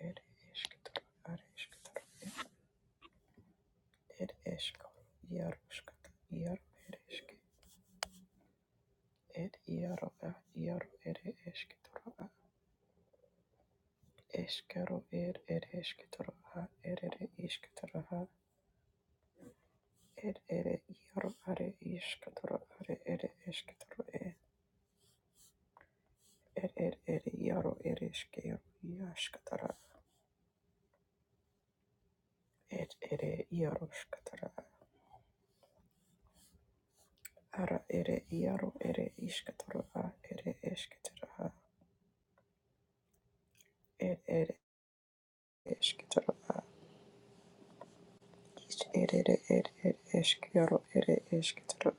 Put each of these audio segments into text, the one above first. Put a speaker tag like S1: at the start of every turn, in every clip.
S1: ir iškitur, ar iškitur, ir iškitur, ir iškitur, ir ir iškitur, ir ir ir ir iškitur, iškitur, ir ir iškitur, ir ir iškitur, ir ir ir ar iškitur, ar ir iškitur, ir ir ir ir ir iškitur, iškitur, ir ir ir iškitur. Ara ere iaro ere iskatoro a ere esketero a ere ere esketero ere ere ere eskero ere esketero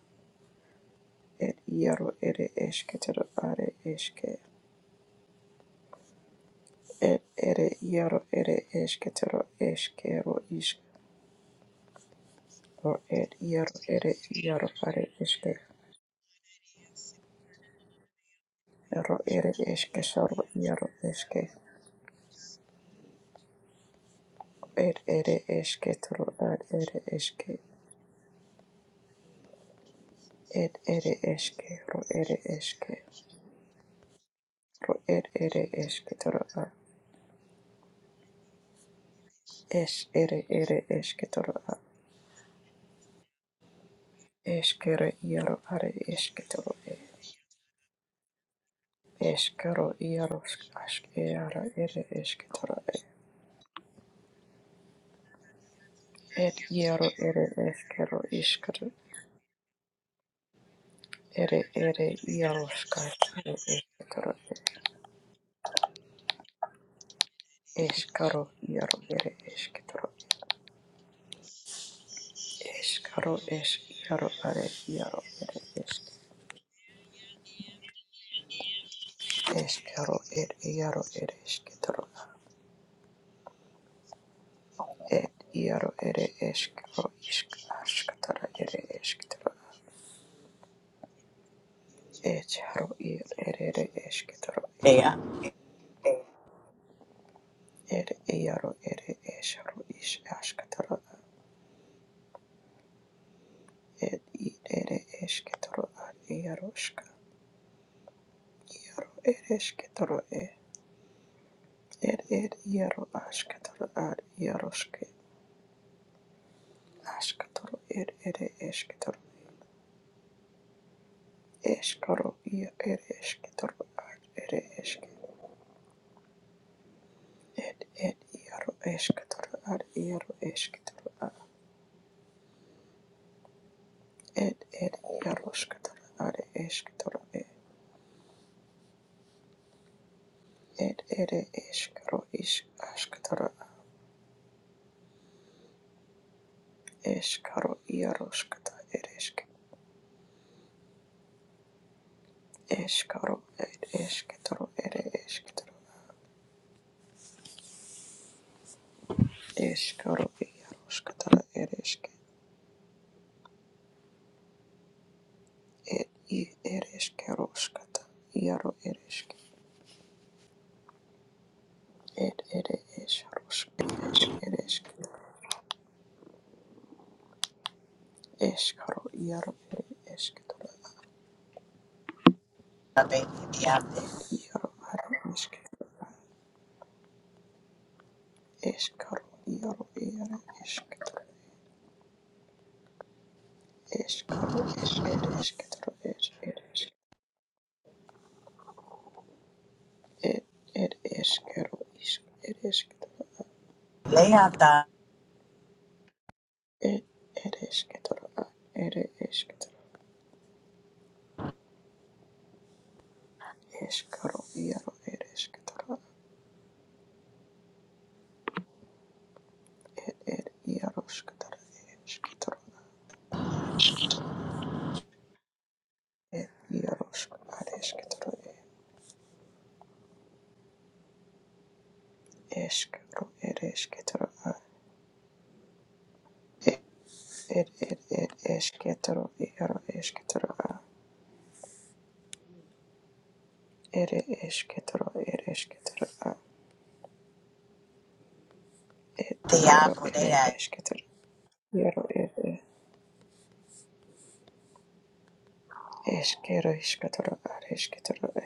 S1: ere iaro ere esketero are eske ere ere iaro ere esketero eskero iskro ere iaro ere iaro are eske ero ere eske soro iaro eske ere ere esketero are ere eske ere ere eske ro ere eske ro ere ere esketero are es ere ere esketero a Eskero iaro are esketoro e. Eskero iaro ask eara ere esketoro e. Et iaro ere eskero iskero ere ere iaro skatoro esketoro e. Eskaro iaro ere esketoro. Eskaro es iaro are iaro ere esk. Eskero et iaro ere esketoro. a. Et iaro ere eskero isk askatara ere esketoro. Echaro ir erere esketoro
S2: Leata,
S1: er iaro ere esharo is asketoro ed ir ere esketoro ad iaroska iaro ere esketoro e er er iaro asketoro ad iaroske asketoro er ere esketoro eskaro ia ere esketoro ad ere eske ed ed iaro esketoro ad iaro esketoro ad ed ed iarosketoro ad esketoro Ed ere eskaro isk askatara eskaro iaroskata ere eskaro ed esketoro ere esketoro eskaro iaroskatara ere ed i ere iaro ere ed ere eskaros iaro ere eskaro iaro ere esketoro
S2: baby, diablo.
S1: iaro are esketoro eskaro iaro ere esketoro eskaro ed ere esketoro ed eresk It it is kettle is it is kettle
S2: Leata,
S1: it it is kettle it is kettle is kettle yaro it is kettle it yaro skettle is kettle it yaro it is kettle is kettle it is kettle it it it is kettle yaro is kettle it is kettle it is kettle yaro it
S2: diablo,
S1: is kettle yaro it is kettle is kettle is kettle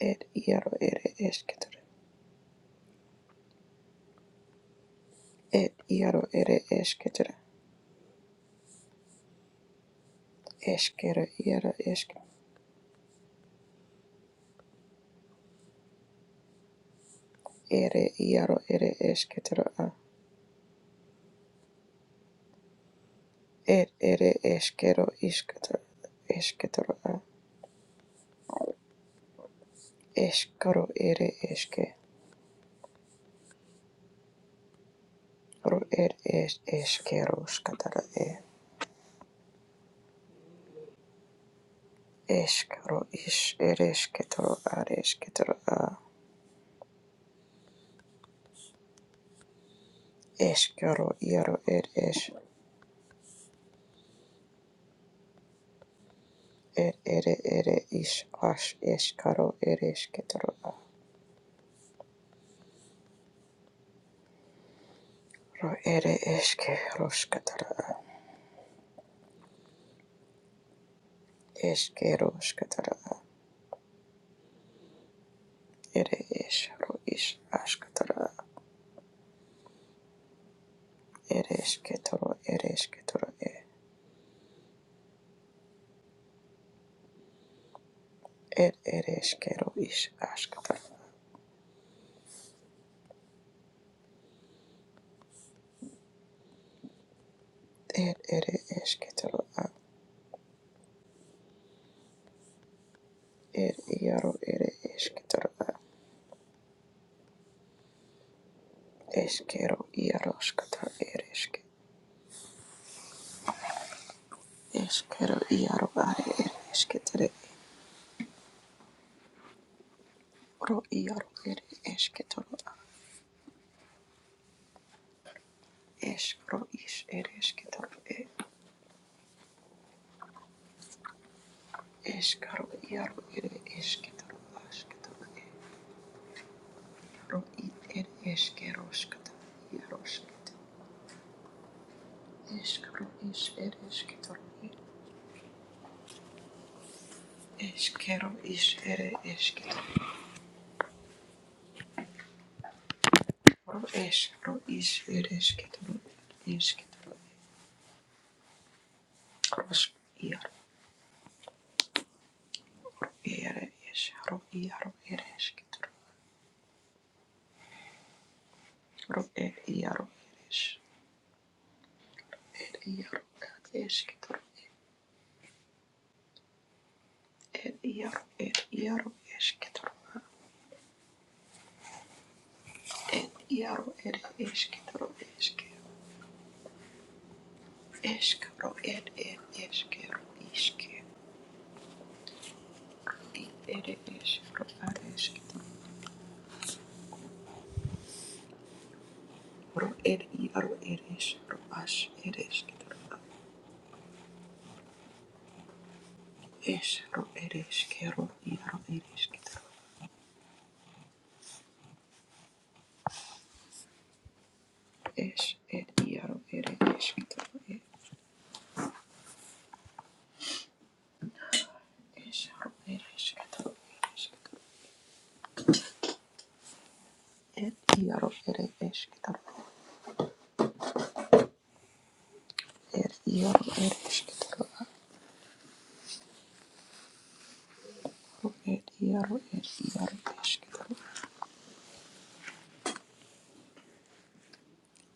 S1: Ed iaro ere esketoro. Ed iaro ere esketoro. Eskero iaro esk. Ere iaro ere esketoro a. Ed ere eskero isketoro. Esketoro a. Eskaro ere eske. Ro ed es eskero skatara e. Eskaro is ere esketoro are esketoro a. Eskero iaro ed es. Ed ere ere is as eskaro ere esketoro Ro ere eske roskatara. Eske roskatara. Ere es ro is askatara. Ere eske toro ere eske toro e. Er ere eske ro is askatara. Er ere eske a. Er iaro ere eske a. Eske ro iaro skatara ere eske. Eske iaro are ere eske Ro iaro ere eske a. Es is ere eske e. Eskaro iaro ere esketoro asketoro iaro it ere eskeroskata iarosket eskaro is ere esketoro eskero is ere esketoro eskaro is ere esketoro esketoro ros iaro ere eskaro iaro ere esketoro ro ere iaro ere iaro esketoro ere iaro ere iaro esketoro ed iaro ed eskero eskero eskero ed ed eskero iske ed ed eskero ad ro ed iaro ed eskero as ed eskero es ed eskero iaro ed eskero es ed iaro ed eskero eskero ed eskero ed iaro ed eskero ed iaro ed eskero ed iaro ed iaro eskero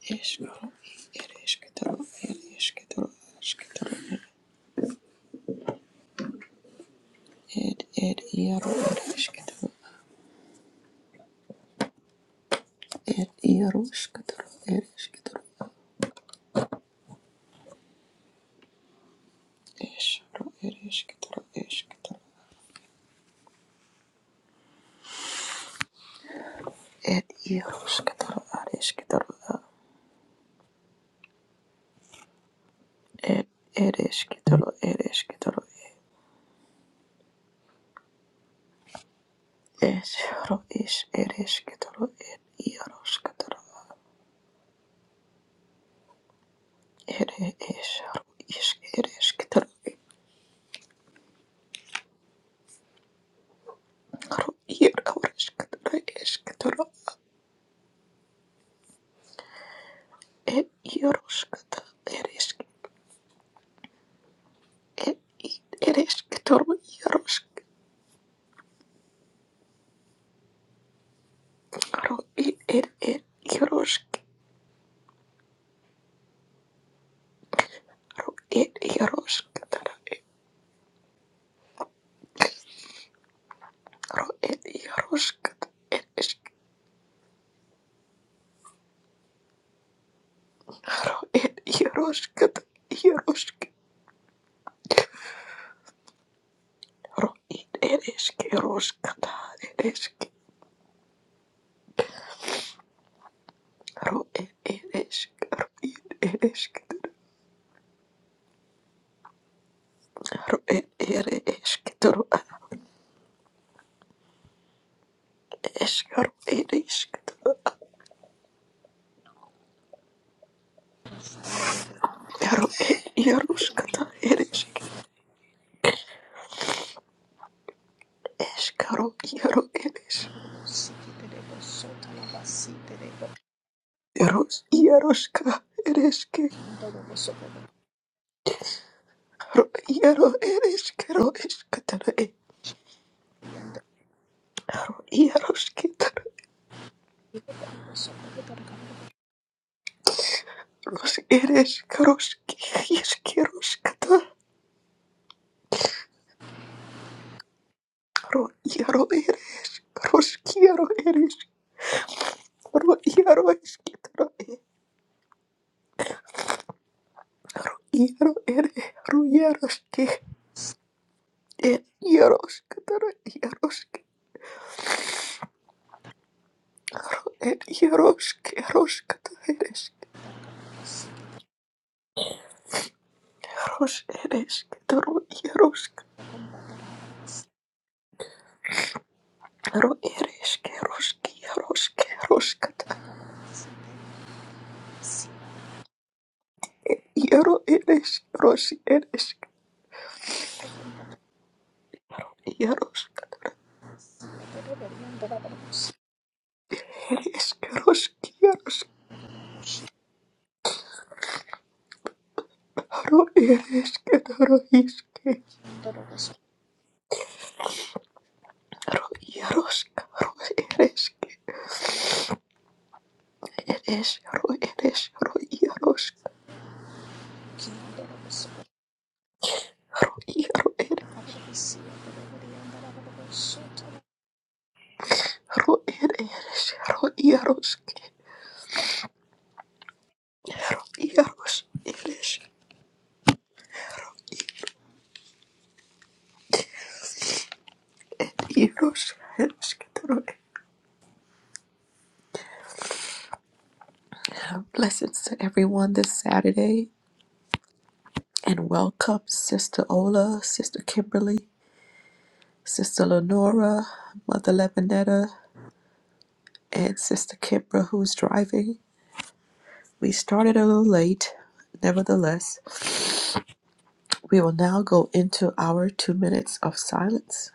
S1: Eskero, ir esketoro, ir esketoro, esketoro, ir ir iero, ir esketoro, ir iero, esketoro, ir esketoro, eskero, ir esketoro, esketoro, ir iero, esketoro, ar esketoro, ir ir esketoro, ir esketoro, eskero, is ir esketoro, ir iero, esketoro, ir eskero, is ir esketoro, ir iero, esketoro, esketoro. et Yaroshkata Ereshk E it Ereshketor Yaroshk Ro it et et Yaroshk Ro et Yaroshkatara Ro et Yaroshkata Ereshk Ro et Yaroshkata Yaroshk Ro it Ereshk Yaroshkata Ereshk Ro et Ereshk Ro it Ereshk Ro et Ereshketor Eshk Ro Ereshkata Ro et Yaroshkata Ereshk Eskaro iaro eres. Eros iaroska ereske. Ro iaro ereskero eskatara e. Iaroskitara ros ereskaroski ieskeroskata. Ro iaro eres. Roskiaro eres. Ro iaro eskitara e. Ro iaro ere. Ro iaroski. E iaroskatara iaroski. E iaroski eroskata eres. Ros ereskitaro iaroski. Ro ereske roski roske roskata. Iero ereske rosi ereske ieroska. Ereske roski ieroska. Ro ereske ro iske. Ro ieroska ro ereske. Eres ro eres ro ieroska. Ro iero ere. Ro er eres ro ieroske. Ro eres ieros ereske ro. Blessings to everyone this Saturday. and welcome Sister Ola, Sister Kimberly, Sister Lenora, Mother Levinetta, and Sister Kimbra, who's driving. We started a little late. Nevertheless, we will now go into our two minutes of silence.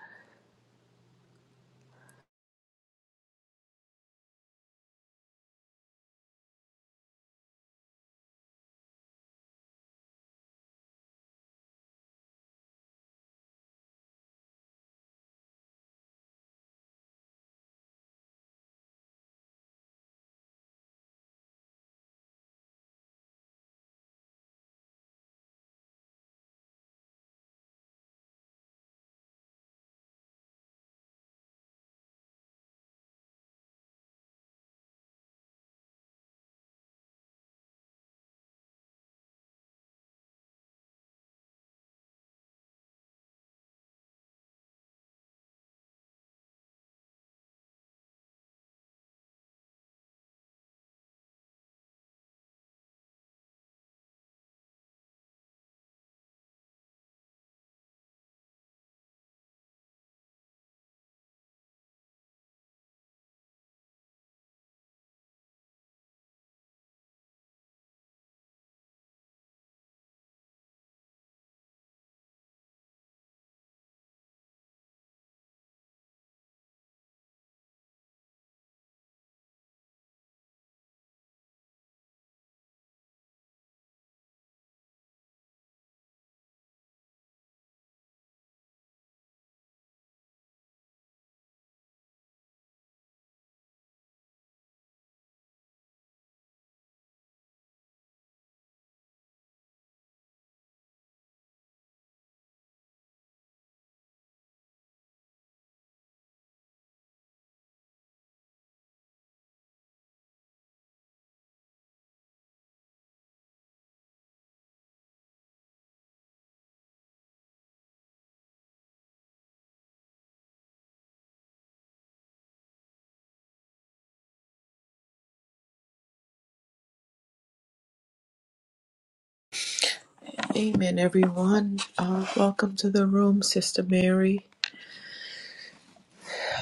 S1: Amen, everyone. Uh, welcome to the room, Sister Mary.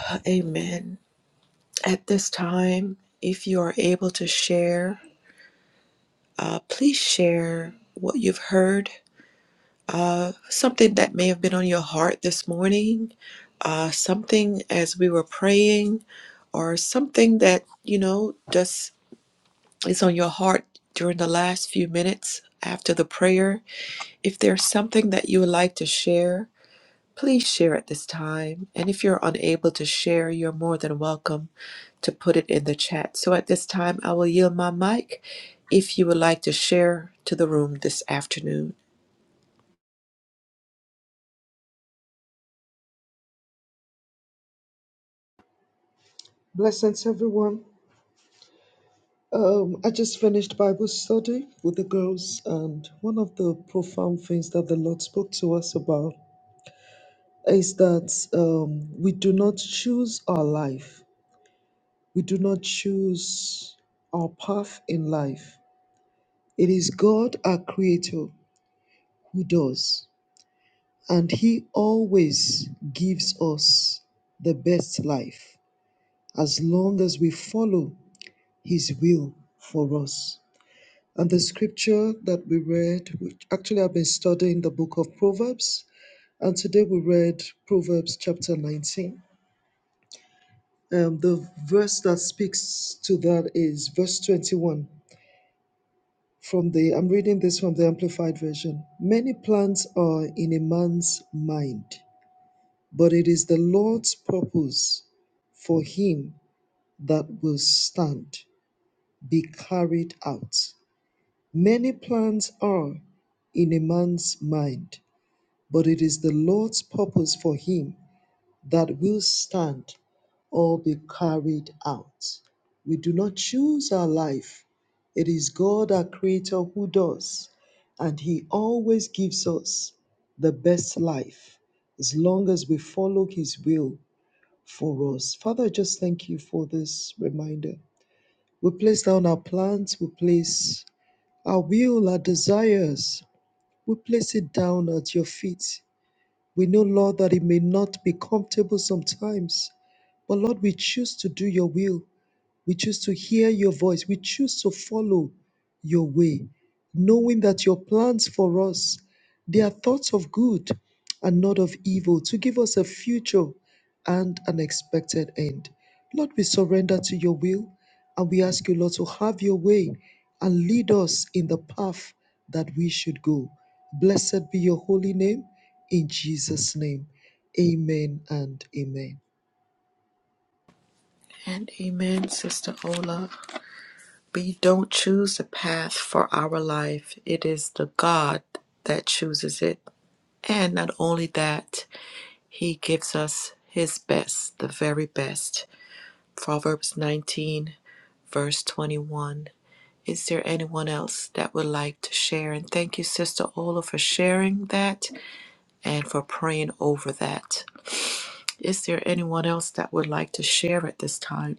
S1: Uh, Amen. At this time, if you are able to share, uh, please share what you've heard something that may have been on your heart this morning, uh, something as we were praying, or something that, you know, just is on your heart during the last few minutes after the prayer. If there's something that you would like to share, please share at this time. And if you're unable to share, you're more than welcome to put it in the chat. So at this time, I will yield my mic if you would like to share to the room this afternoon.
S3: Blessings, everyone. Um, I just finished Bible study with the girls, and one of the profound things that the Lord spoke to us about is that um, we do not choose our life, we do not choose our path in life. It is God, our Creator, who does, and He always gives us the best life as long as we follow His will for us. And the scripture that we read, which actually I've been studying the book of Proverbs, and today we read Proverbs chapter 19. Um, the verse that speaks to that is verse 21. From the I'm reading this from the Amplified Version. Many plans are in a man's mind, but it is the Lord's purpose for him that will stand, be carried out. Many plans are in a man's mind, but it is the Lord's purpose for him that will stand or be carried out. We do not choose our life, it is God, our Creator, who does, and He always gives us the best life as long as we follow His will for us. Father, I just thank you for this reminder. We place down our plans, we place our will, our desires, we place it down at your feet we know, Lord, that it may not be comfortable sometimes, but Lord, we choose to do your will. We choose to hear your voice. We choose to follow your way, knowing that your plans for us they are thoughts of good and not of evil to give us a future and an expected end. Lord, we surrender to your will and we ask you, Lord, to have your way and lead us in the path that we should go. Blessed be your holy name in Jesus' name. Amen and amen.
S1: And amen, Sister Ola. We don't choose the path for our life, it is the God that chooses it. And not only that, He gives us His best, the very best. Proverbs 19, verse 21. Is there anyone else that would like to share? And thank you, Sister Ola, for sharing that and for praying over that. Is there anyone else that would like to share at this time?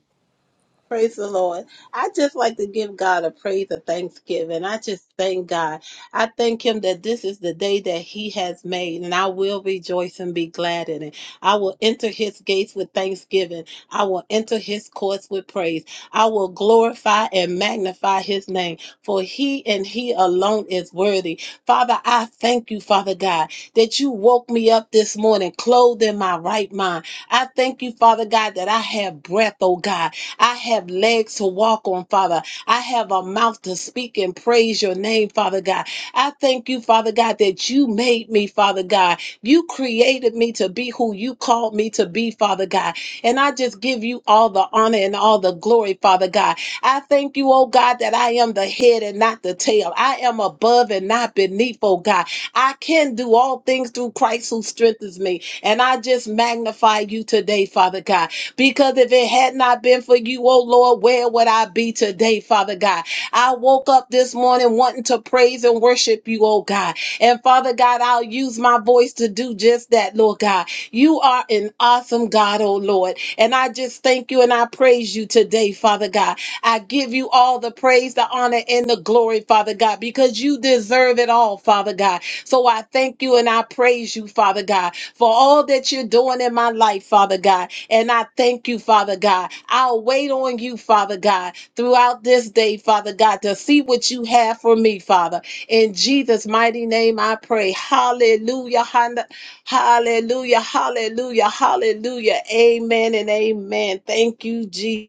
S4: Praise the Lord. I just like to give God a praise of thanksgiving. I just thank God. I thank Him that this is the day that He has made, and I will rejoice and be glad in it. I will enter His gates with thanksgiving. I will enter His courts with praise. I will glorify and magnify His name, for He and He alone is worthy. Father, I thank you, Father God, that you woke me up this morning, clothed in my right mind. I thank you, Father God, that I have breath, oh God. I have legs to walk on, Father. I have a mouth to speak and praise your name, Father God. I thank you, Father God, that you made me, Father God. You created me to be who you called me to be, Father God. And I just give you all the honor and all the glory, Father God. I thank you, oh God, that I am the head and not the tail. I am above and not beneath, oh God. I can do all things through Christ who strengthens me. And I just magnify you today, Father God. Because if it had not been for you, oh Lord, where would I be today, Father God? I woke up this morning wanting to praise and worship you, oh God. And Father God, I'll use my voice to do just that, Lord God. You are an awesome God, oh Lord. And I just thank you and I praise you today, Father God. I give you all the praise, the honor, and the glory, Father God, because you deserve it all, Father God. So I thank you and I praise you, Father God, for all that you're doing in my life, Father God. And I thank you, Father God. I'll wait on you, Father God, throughout this day, Father God, to see what you have for me, Father. In Jesus' mighty name, I pray. Hallelujah. hon- Hallelujah. Hallelujah. Hallelujah. Amen and amen. Thank you, Jesus.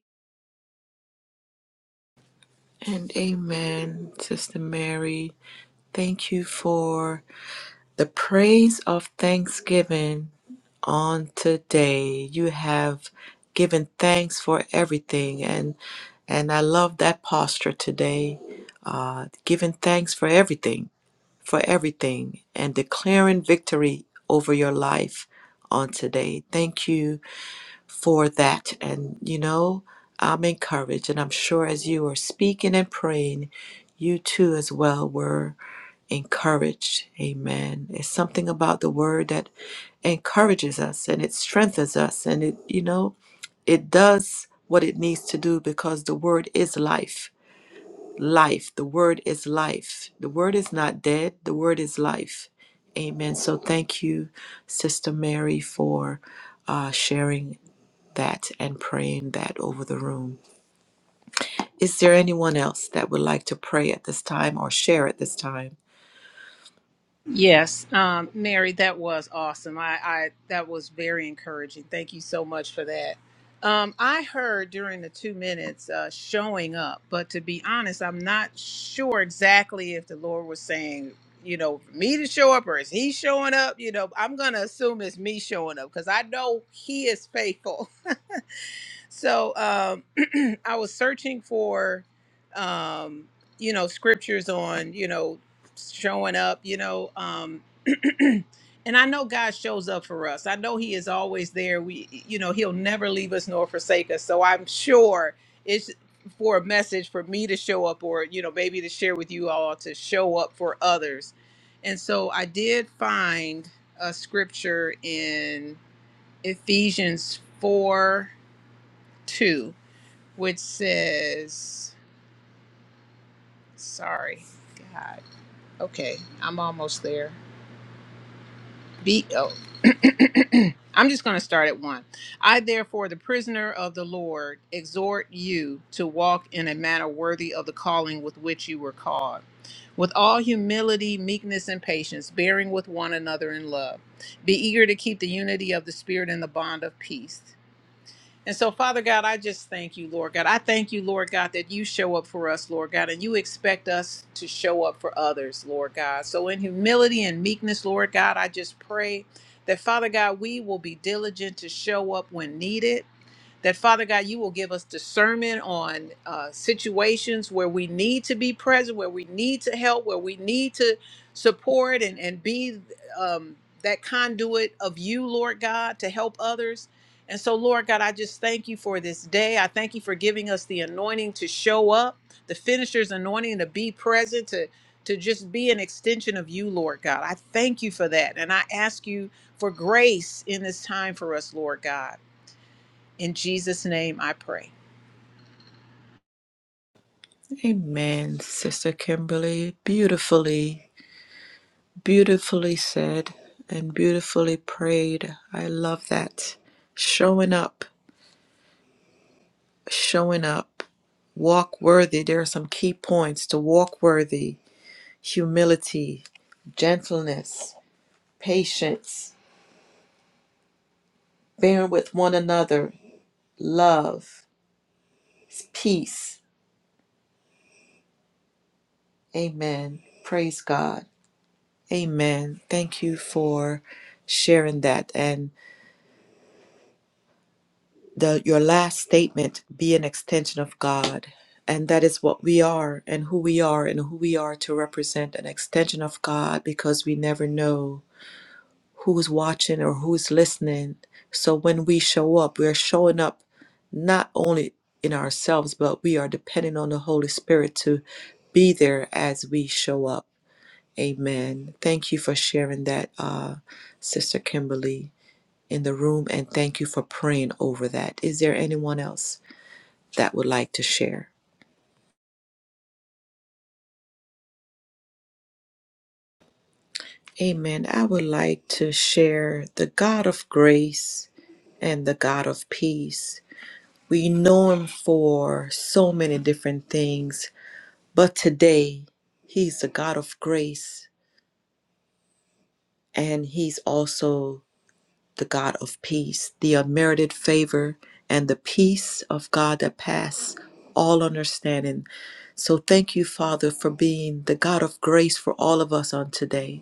S1: And amen, Sister Mary. Thank you for the praise of thanksgiving on today. You have given thanks for everything, and and I love that posture today. Uh, giving thanks for everything, for everything, and declaring victory over your life on today. Thank you for that, and you know I'm encouraged, and I'm sure as you are speaking and praying, you too as well were encouraged. Amen. It's something about the word that encourages us and it strengthens us and it, you know, it does what it needs to do because the word is life. Life. The word is life. The word is not dead. The word is life. Amen. So thank you, Sister Mary, for uh, sharing that and praying that over the room. Is there anyone else that would like to pray at this time or share at this time?
S5: Yes, um, Mary, that was awesome. I, I that was very encouraging. Thank you so much for that. Um, I heard during the two minutes uh, showing up, but to be honest, I'm not sure exactly if the Lord was saying, you know, me to show up or is He showing up? You know, I'm gonna assume it's me showing up because I know He is faithful. So um, I was searching for, um, you know, scriptures on, you know, showing up, you know, um, and I know God shows up for us. I know He is always there. We, you know, He'll never leave us nor forsake us. So I'm sure it's for a message for me to show up, or you know, maybe to share with you all to show up for others. And so I did find a scripture in Ephesians four two which says, sorry, God. Okay, I'm almost there. Be, oh, I'm just going to start at one. I, therefore, the prisoner of the Lord, exhort you to walk in a manner worthy of the calling with which you were called, with all humility, meekness, and patience, bearing with one another in love. Be eager to keep the unity of the Spirit in the bond of peace. And so, Father God, I just thank you, Lord God. I thank you, Lord God, that you show up for us, Lord God, and you expect us to show up for others, Lord God. So, in humility and meekness, Lord God, I just pray that, Father God, we will be diligent to show up when needed that Father God, you will give us discernment on uh, situations where we need to be present, where we need to help, where we need to support and, and be um, that conduit of you, Lord God, to help others. And so, Lord God, I just thank you for this day. I thank you for giving us the anointing to show up, the finisher's anointing to be present, to to just be an extension of you, Lord God. I thank you for that. And I ask you for grace in this time for us, Lord God. In Jesus' name I pray.
S1: Amen, Sister Kimberly. Beautifully, beautifully said and beautifully prayed. I love that. Showing up, showing up. Walk worthy. There are some key points to walk worthy humility, gentleness, patience, bearing with one another, love, peace. Amen. Praise God. Amen. Thank you for sharing that. and. the your last statement be an extension of God and that is what we are and who we are and who we are to represent an extension of God because we never know who's watching or who's listening so when we show up we're showing up not only in ourselves but we are depending on the Holy Spirit to be there as we show up amen thank you for sharing that uh sister Kimberly in the room and thank you for praying over that is there anyone else that would like to share? Amen. I would like to share the God of grace and the God of peace. We know him for so many different things, but today he's the God of grace and he's also the God of peace, the unmerited favor and the peace of God that pass all understanding. So thank you, Father, for being the God of grace for all of us on today.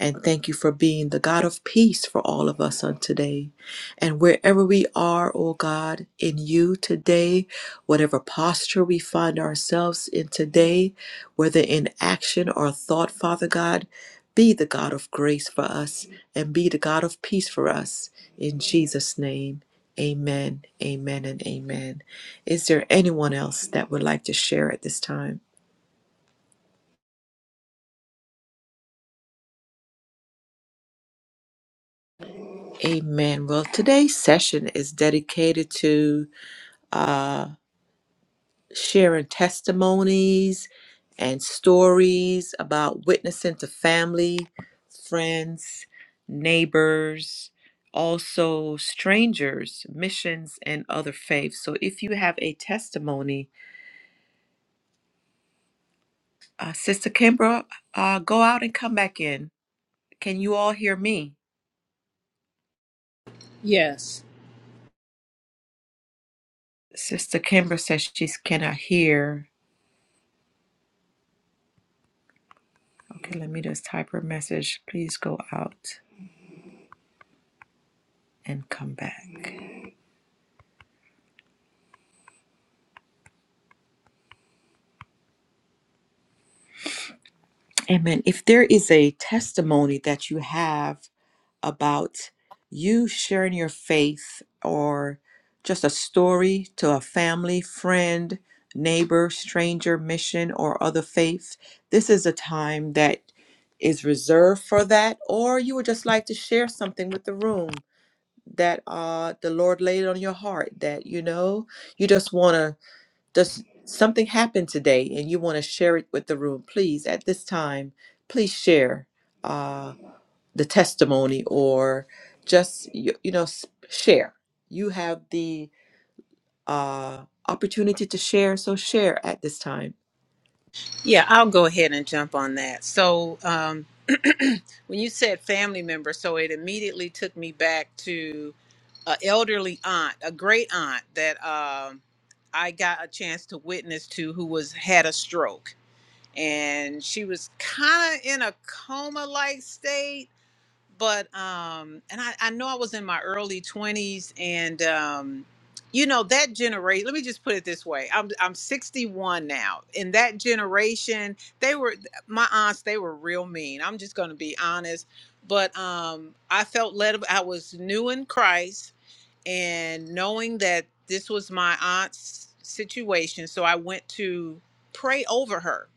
S1: And thank you for being the God of peace for all of us on today. And wherever we are, O God, in you today, whatever posture we find ourselves in today, whether in action or thought, Father God, be the God of grace for us and be the God of peace for us. In Jesus' name, amen, amen, and amen. Is there anyone else that would like to share at this time? Amen. Well, today's session is dedicated to uh, sharing testimonies and stories about witnessing to family, friends, neighbors, also strangers, missions, and other faiths. So if you have a testimony, uh, Sister Kimbra, uh, go out and come back in. Can you all hear me?
S5: Yes.
S1: Sister Kimbra says she cannot hear. Okay, let me just type her message. Please go out and come back. Amen. If there is a testimony that you have about you sharing your faith or just a story to a family, friend, neighbor, stranger, mission, or other faith, this is a time that is reserved for that. Or you would just like to share something with the room that uh, the Lord laid on your heart that, you know, you just want to. Does something happen today and you want to share it with the room? Please, at this time, please share uh, the testimony or just, you, you know, s- share. You have the uh, opportunity to share, so share at this time.
S5: Yeah, I'll go ahead and jump on that. So, um, when you said family member, so it immediately took me back to an elderly aunt, a great aunt that um, I got a chance to witness to, who was had a stroke, and she was kind of in a coma like state but um and I, I know I was in my early 20s and um you know that generation let me just put it this way I'm I'm 61 now in that generation they were my aunts they were real mean I'm just going to be honest but um I felt led I was new in Christ and knowing that this was my aunt's situation so I went to pray over her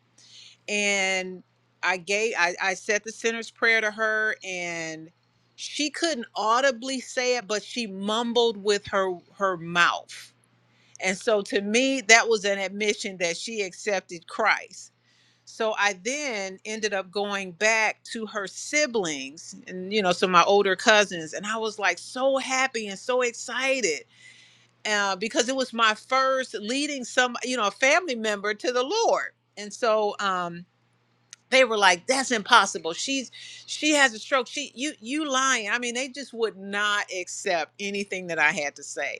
S5: and I gave I, I said the sinner's prayer to her and she couldn't audibly say it, but she mumbled with her her mouth. And so to me, that was an admission that she accepted Christ. So I then ended up going back to her siblings and you know, so my older cousins, and I was like so happy and so excited uh, because it was my first leading some you know a family member to the Lord. And so um they were like that's impossible she's she has a stroke she you you lying i mean they just would not accept anything that i had to say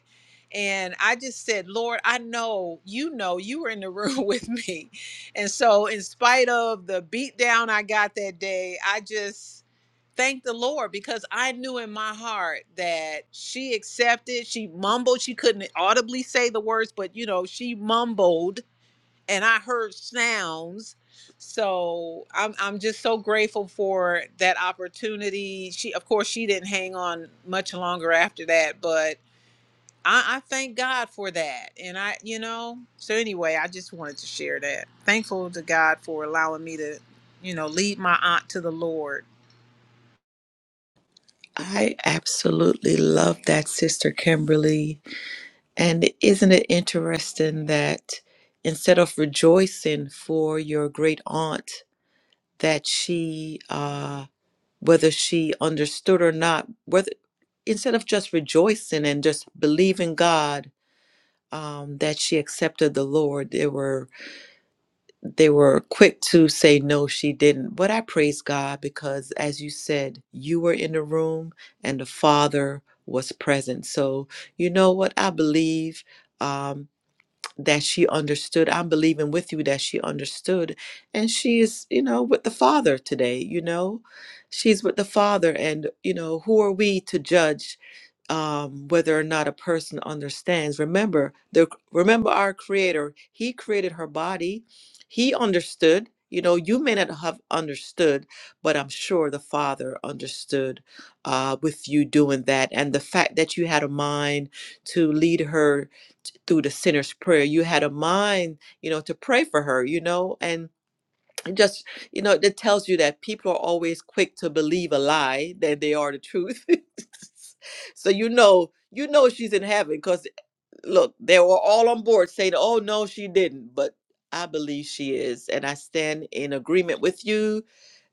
S5: and i just said lord i know you know you were in the room with me and so in spite of the beat down i got that day i just thank the lord because i knew in my heart that she accepted she mumbled she couldn't audibly say the words but you know she mumbled and I heard sounds. So I'm I'm just so grateful for that opportunity. She of course she didn't hang on much longer after that, but I, I thank God for that. And I you know, so anyway, I just wanted to share that. Thankful to God for allowing me to, you know, lead my aunt to the Lord.
S1: I absolutely love that, Sister Kimberly. And isn't it interesting that instead of rejoicing for your great aunt, that she uh, whether she understood or not, whether instead of just rejoicing and just believing God um, that she accepted the Lord, they were they were quick to say no, she didn't. But I praise God because, as you said, you were in the room and the Father was present. So you know what I believe. Um, that she understood. I'm believing with you that she understood. And she is, you know, with the Father today, you know? She's with the Father. And, you know, who are we to judge um, whether or not a person understands? Remember, the remember our Creator. He created her body. He understood. You know, you may not have understood, but I'm sure the Father understood uh, with you doing that. And the fact that you had a mind to lead her through the sinner's prayer. You had a mind, you know, to pray for her, you know, and it just, you know, it tells you that people are always quick to believe a lie than they are the truth. so you know, you know she's in heaven because look, they were all on board saying, oh, no, she didn't. But I believe she is. And I stand in agreement with you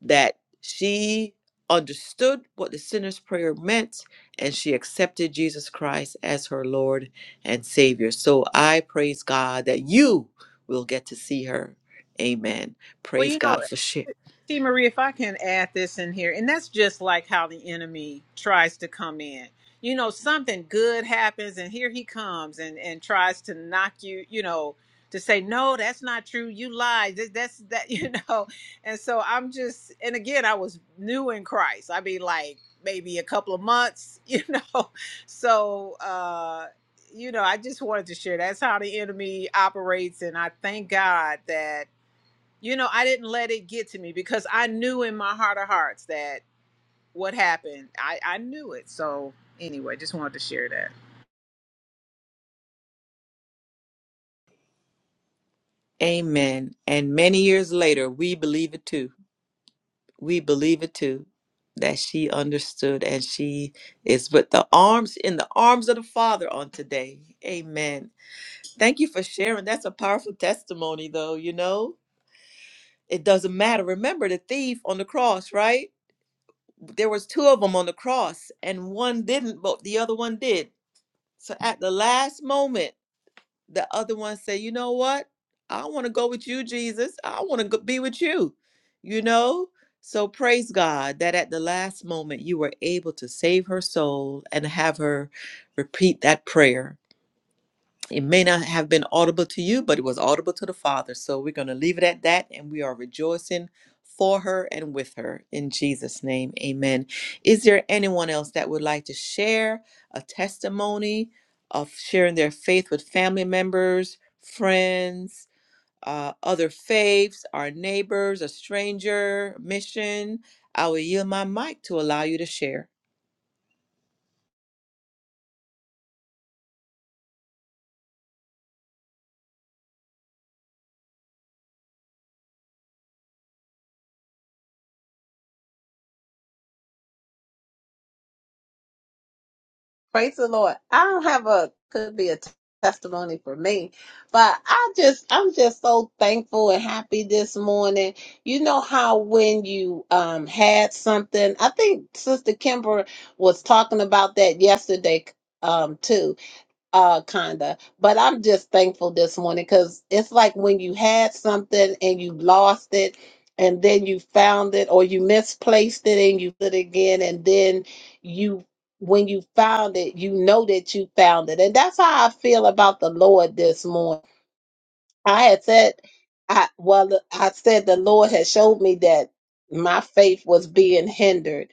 S1: that she understood what the sinner's prayer meant and she accepted Jesus Christ as her Lord and Savior. So I praise God that you will get to see her. Amen.
S5: Well,
S1: Praise
S5: you know,
S1: God for shit.
S5: See, Marie, if I can add this in here, and that's just like how the enemy tries to come in. You know, something good happens, and here he comes and and tries to knock you. You know, to say no, that's not true. You lied. That, that's that. You know, and so I'm just, and again, I was new in Christ. I mean, like maybe a couple of months. You know, so. uh you know, I just wanted to share that's how the enemy operates, and I thank God that you know, I didn't let it get to me because I knew in my heart of hearts that what happened, I, I knew it. So anyway, just wanted to share that.
S1: Amen. And many years later, we believe it too. we believe it too that she understood and she is with the arms in the arms of the father on today amen thank you for sharing that's a powerful testimony though you know it doesn't matter remember the thief on the cross right there was two of them on the cross and one didn't but the other one did so at the last moment the other one say, you know what? I want to go with you, Jesus. I want to be with you, you know? So praise God that at the last moment you were able to save her soul and have her repeat that prayer it may not have been audible to you, but it was audible to the Father. So we're going to leave it at that, and we are rejoicing for her and with her. In Jesus' name, amen. Is there anyone else that would like to share a testimony of sharing their faith with family members, friends? uh, other faiths, our neighbors, a stranger, mission. I will yield my mic to allow you to share.
S4: Praise the Lord. I don't have a could be a t- testimony for me, but I just I'm just so thankful and happy this morning. You know how when you um had something, I think Sister Kimber was talking about that yesterday um too. Uh, kinda. But I'm just thankful this morning because it's like when you had something and you lost it and then you found it or you misplaced it and you put it again and then you when you found it, you know that you found it. And that's how I feel about the Lord this morning. I had said, I well, I said the Lord had showed me that my faith was being hindered,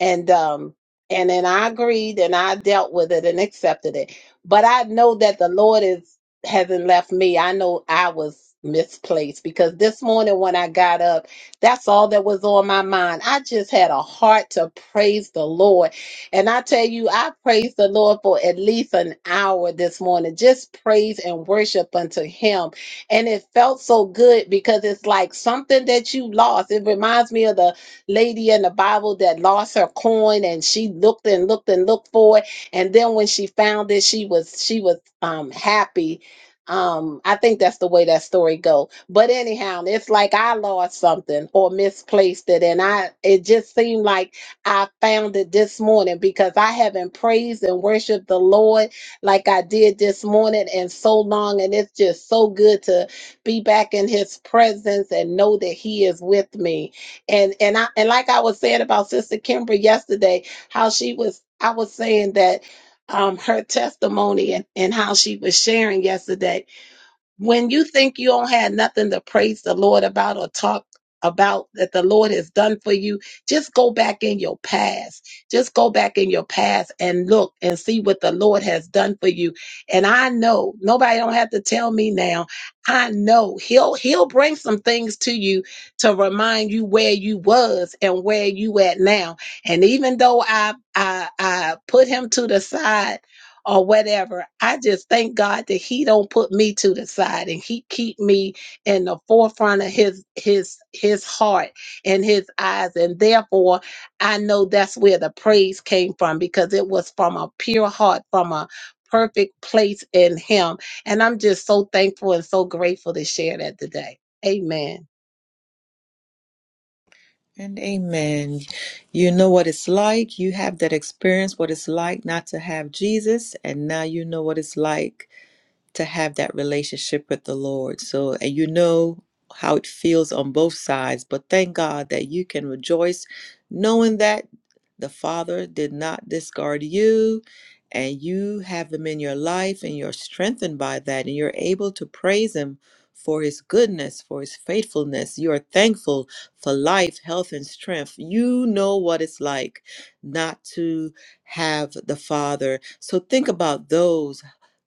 S4: and um, and then I agreed and I dealt with it and accepted it. But I know that the Lord is hasn't left me. I know I was misplaced because this morning when I got up, that's all that was on my mind. I just had a heart to praise the Lord. And I tell you, I praised the Lord for at least an hour this morning. Just praise and worship unto him and it felt so good because it's like something that you lost. It reminds me of the lady in the Bible that lost her coin and she looked and looked and looked for it. And then when she found it, she was she was um happy. Um, I think that's the way that story go. But anyhow, it's like I lost something or misplaced it, and I it just seemed like I found it this morning because I haven't praised and worshiped the Lord like I did this morning and so long. And it's just so good to be back in his presence and know that he is with me. And and I and like I was saying about Sister Kimber yesterday, how she was I was saying that um her testimony and, and how she was sharing yesterday when you think you don't have nothing to praise the Lord about or talk about that the Lord has done for you, just go back in your past. Just go back in your past and look and see what the Lord has done for you. And I know nobody don't have to tell me now. I know he'll he'll bring some things to you to remind you where you was and where you at now. And even though I I I put him to the side or whatever. I just thank God that He don't put me to the side and He keep me in the forefront of His His His heart and His eyes. And therefore, I know that's where the praise came from because it was from a pure heart, from a perfect place in Him. And I'm just so thankful and so grateful to share that today. Amen.
S1: And amen. You know what it's like. You have that experience, what it's like not to have Jesus. And now you know what it's like to have that relationship with the Lord. So, and you know how it feels on both sides, but thank God that you can rejoice knowing that the Father did not discard you and you have Him in your life and you're strengthened by that and you're able to praise Him for His goodness, for His faithfulness. You are thankful for life, health, and strength. You know what it's like not to have the Father. So think about those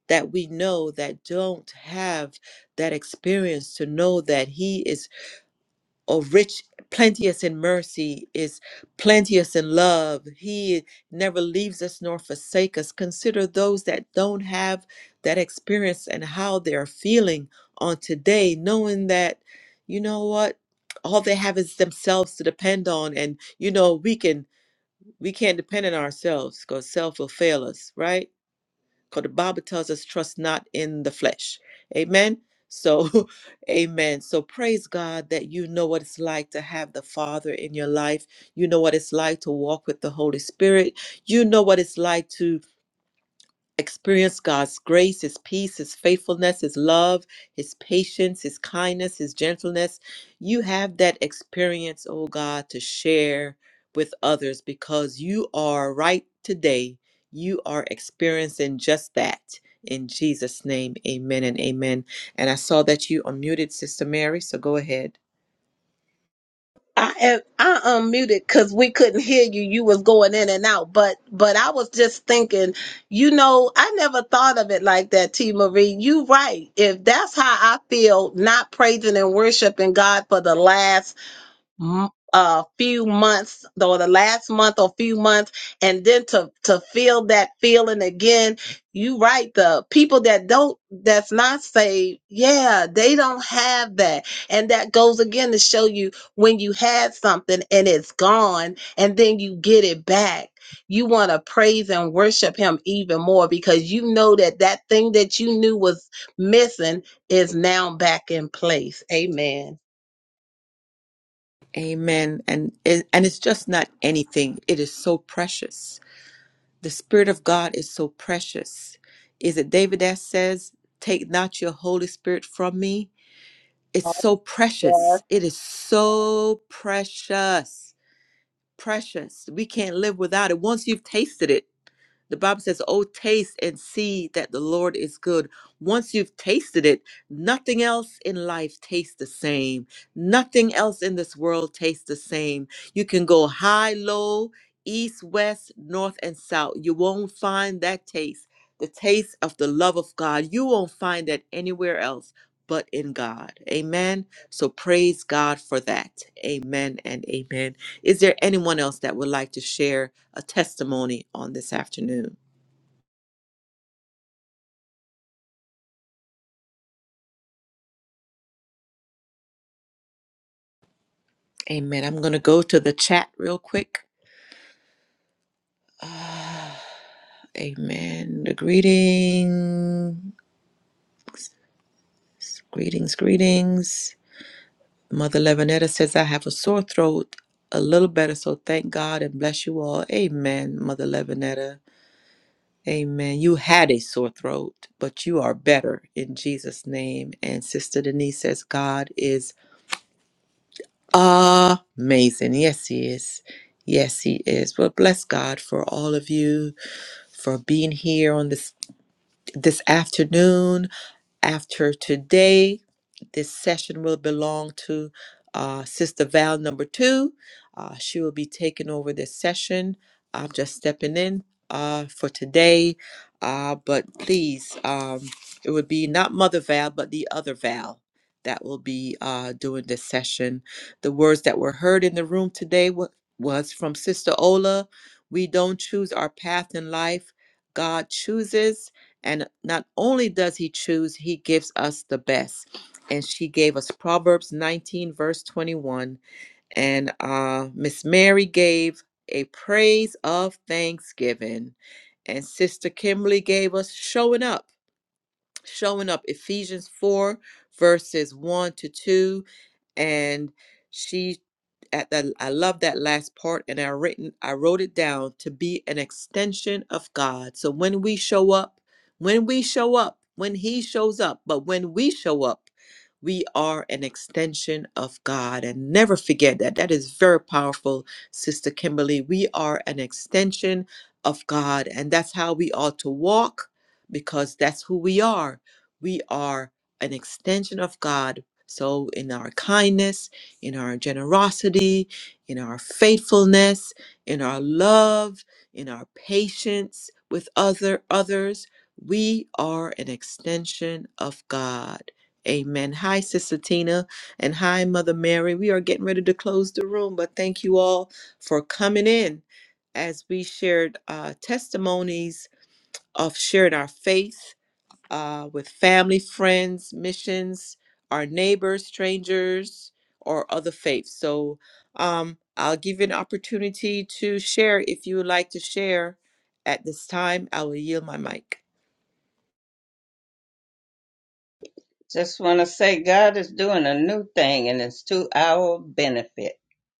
S1: that we know that don't have that experience to know that he is a rich plenteous in mercy is plenteous in love he never leaves us nor forsake us consider those that don't have that experience and how they're feeling on today knowing that you know what all they have is themselves to depend on and you know we can we can't depend on ourselves because self will fail us right because the Bible tells us, trust not in the flesh. Amen. So, amen. So, praise God that you know what it's like to have the Father in your life. You know what it's like to walk with the Holy Spirit. You know what it's like to experience God's grace, His peace, His faithfulness, His love, His patience, His kindness, His gentleness. You have that experience, oh God, to share with others because you are right today. You are experiencing just that. In Jesus' name, amen and amen. And I saw that you unmuted Sister Mary, so go ahead.
S4: I I unmuted because we couldn't hear you. You was going in and out, but but I was just thinking, you know, I never thought of it like that, T. Marie. You right. If that's how I feel, not praising and worshiping God for the last m- uh, few months or the last month or few months and then to to feel that feeling again you right the people that don't that's not saved yeah they don't have that and that goes again to show you when you had something and it's gone and then you get it back you want to praise and worship him even more because you know that that thing that you knew was missing is now back in place amen
S1: Amen. And, and and it's just not anything, it is so precious The Spirit of God is so precious. Is it David that says, Take not your Holy Spirit from me? It's so precious. It is so precious. Precious. We can't live without it. Once you've tasted it, the Bible says, Oh, taste and see that the Lord is good. Once you've tasted it, nothing else in life tastes the same. Nothing else in this world tastes the same. You can go high, low, east, west, north, and south. You won't find that taste. The taste of the love of God. You won't find that anywhere else but in God. Amen. So praise God for that. Amen and amen. Is there anyone else that would like to share a testimony on this afternoon? Amen. I'm going to go to the chat real quick. Ah, amen. The greetings, greetings, greetings. Mother Levinetta says, I have a sore throat a little better, so thank God and bless you all. Amen, Mother Levinetta. Amen. You had a sore throat, but you are better in Jesus' name. And Sister Denise says, God is amazing. Yes, he is. Yes, he is. Well, bless God for all of you for being here on this this afternoon. After today, this session will belong to uh, Sister Val number two. Uh, she will be taking over this session. I'm just stepping in uh, for today. Uh, but please, um, it would be not Mother Val, but the other Val that will be uh, doing this session. The words that were heard in the room today wa- was from Sister Ola. We don't choose our path in life, God chooses. And not only does he choose, he gives us the best. And she gave us Proverbs 19, verse 21. And uh, Miss Mary gave a praise of thanksgiving. And Sister Kimberly gave us showing up, showing up. Ephesians 4, verses 1 to 2 and she at that I love that last part and I written I wrote it down to be an extension of God. So when we show up, when we show up, when he shows up, but when we show up, we are an extension of God. And never forget that. That is very powerful, Sister Kimberly. We are an extension of God, and that's how we ought to walk because that's who we are. We are an extension of God so, in our kindness, in our generosity, in our faithfulness, in our love, in our patience with other others, we are an extension of God. Amen. Hi, Sister Tina, and hi, Mother Mary. We are getting ready to close the room, but thank you all for coming in as we shared uh, testimonies of shared our faith uh, with family, friends, missions, our neighbors, strangers, or other faiths. So um, I'll give you an opportunity to share if you would like to share. At this time, I will yield my mic.
S6: Just want to say God is doing a new thing and it's to our benefit.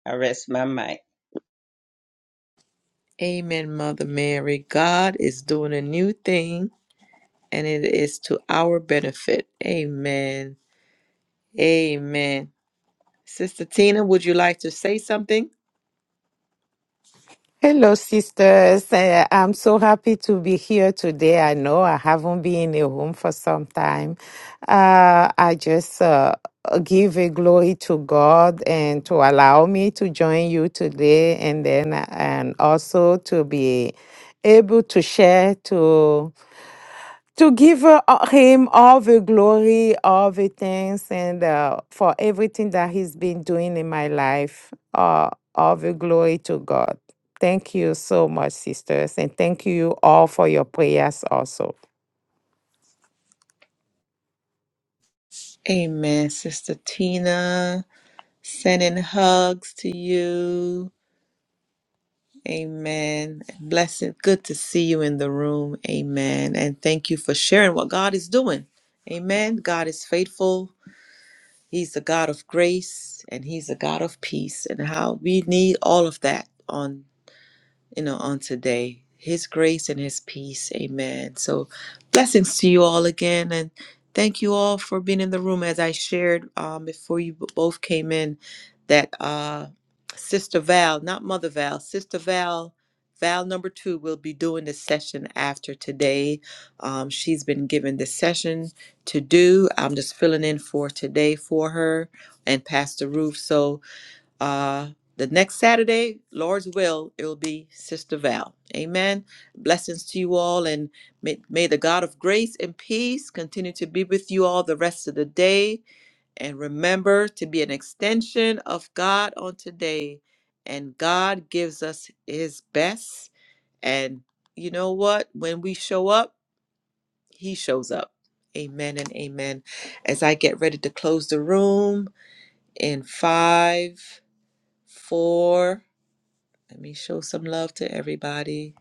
S6: I rest my mic.
S1: Amen, Mother Mary. God is doing a new thing, and it is to our benefit. Amen. Amen. Sister Tina, would you like to say something?
S7: Hello, sisters. Uh, I'm so happy to be here today. I know I haven't been in a room for some time. Uh, I just uh, give a glory to God and to allow me to join you today, and then uh, and also to be able to share to to give uh, uh, him all the glory, all the thanks, and uh, for everything that he's been doing in my life. Uh, all the glory to God. Thank you so much, sisters, and thank you all for your prayers also.
S1: Amen, Sister Tina. Sending hugs to you. Amen. Blessed. Good to see you in the room. Amen. And thank you for sharing what God is doing. Amen. God is faithful. He's a God of grace and He's a God of peace, and how we need all of that on you know, on today. His grace and his peace. Amen. So blessings to you all again and thank you all for being in the room as I shared um, before you b- both came in that uh Sister Val, not Mother Val, Sister Val, Val number two will be doing this session after today. Um, she's been given this session to do. I'm just filling in for today for her and Pastor Roof. So uh, the next Saturday, Lord's will, it will be Sister Val. Amen. Blessings to you all, and may, may the God of grace and peace continue to be with you all the rest of the day. And remember to be an extension of God on today. And God gives us His best. And you know what? When we show up, He shows up. Amen and amen. As I get ready to close the room in five, four, let me show some love to everybody.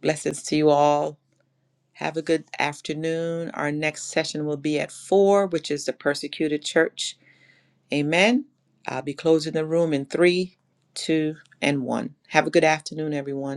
S1: Blessings to you all. Have a good afternoon. Our next session will be at 4, which is the persecuted church. Amen. I'll be closing the room in 3, 2, and 1. Have a good afternoon, everyone.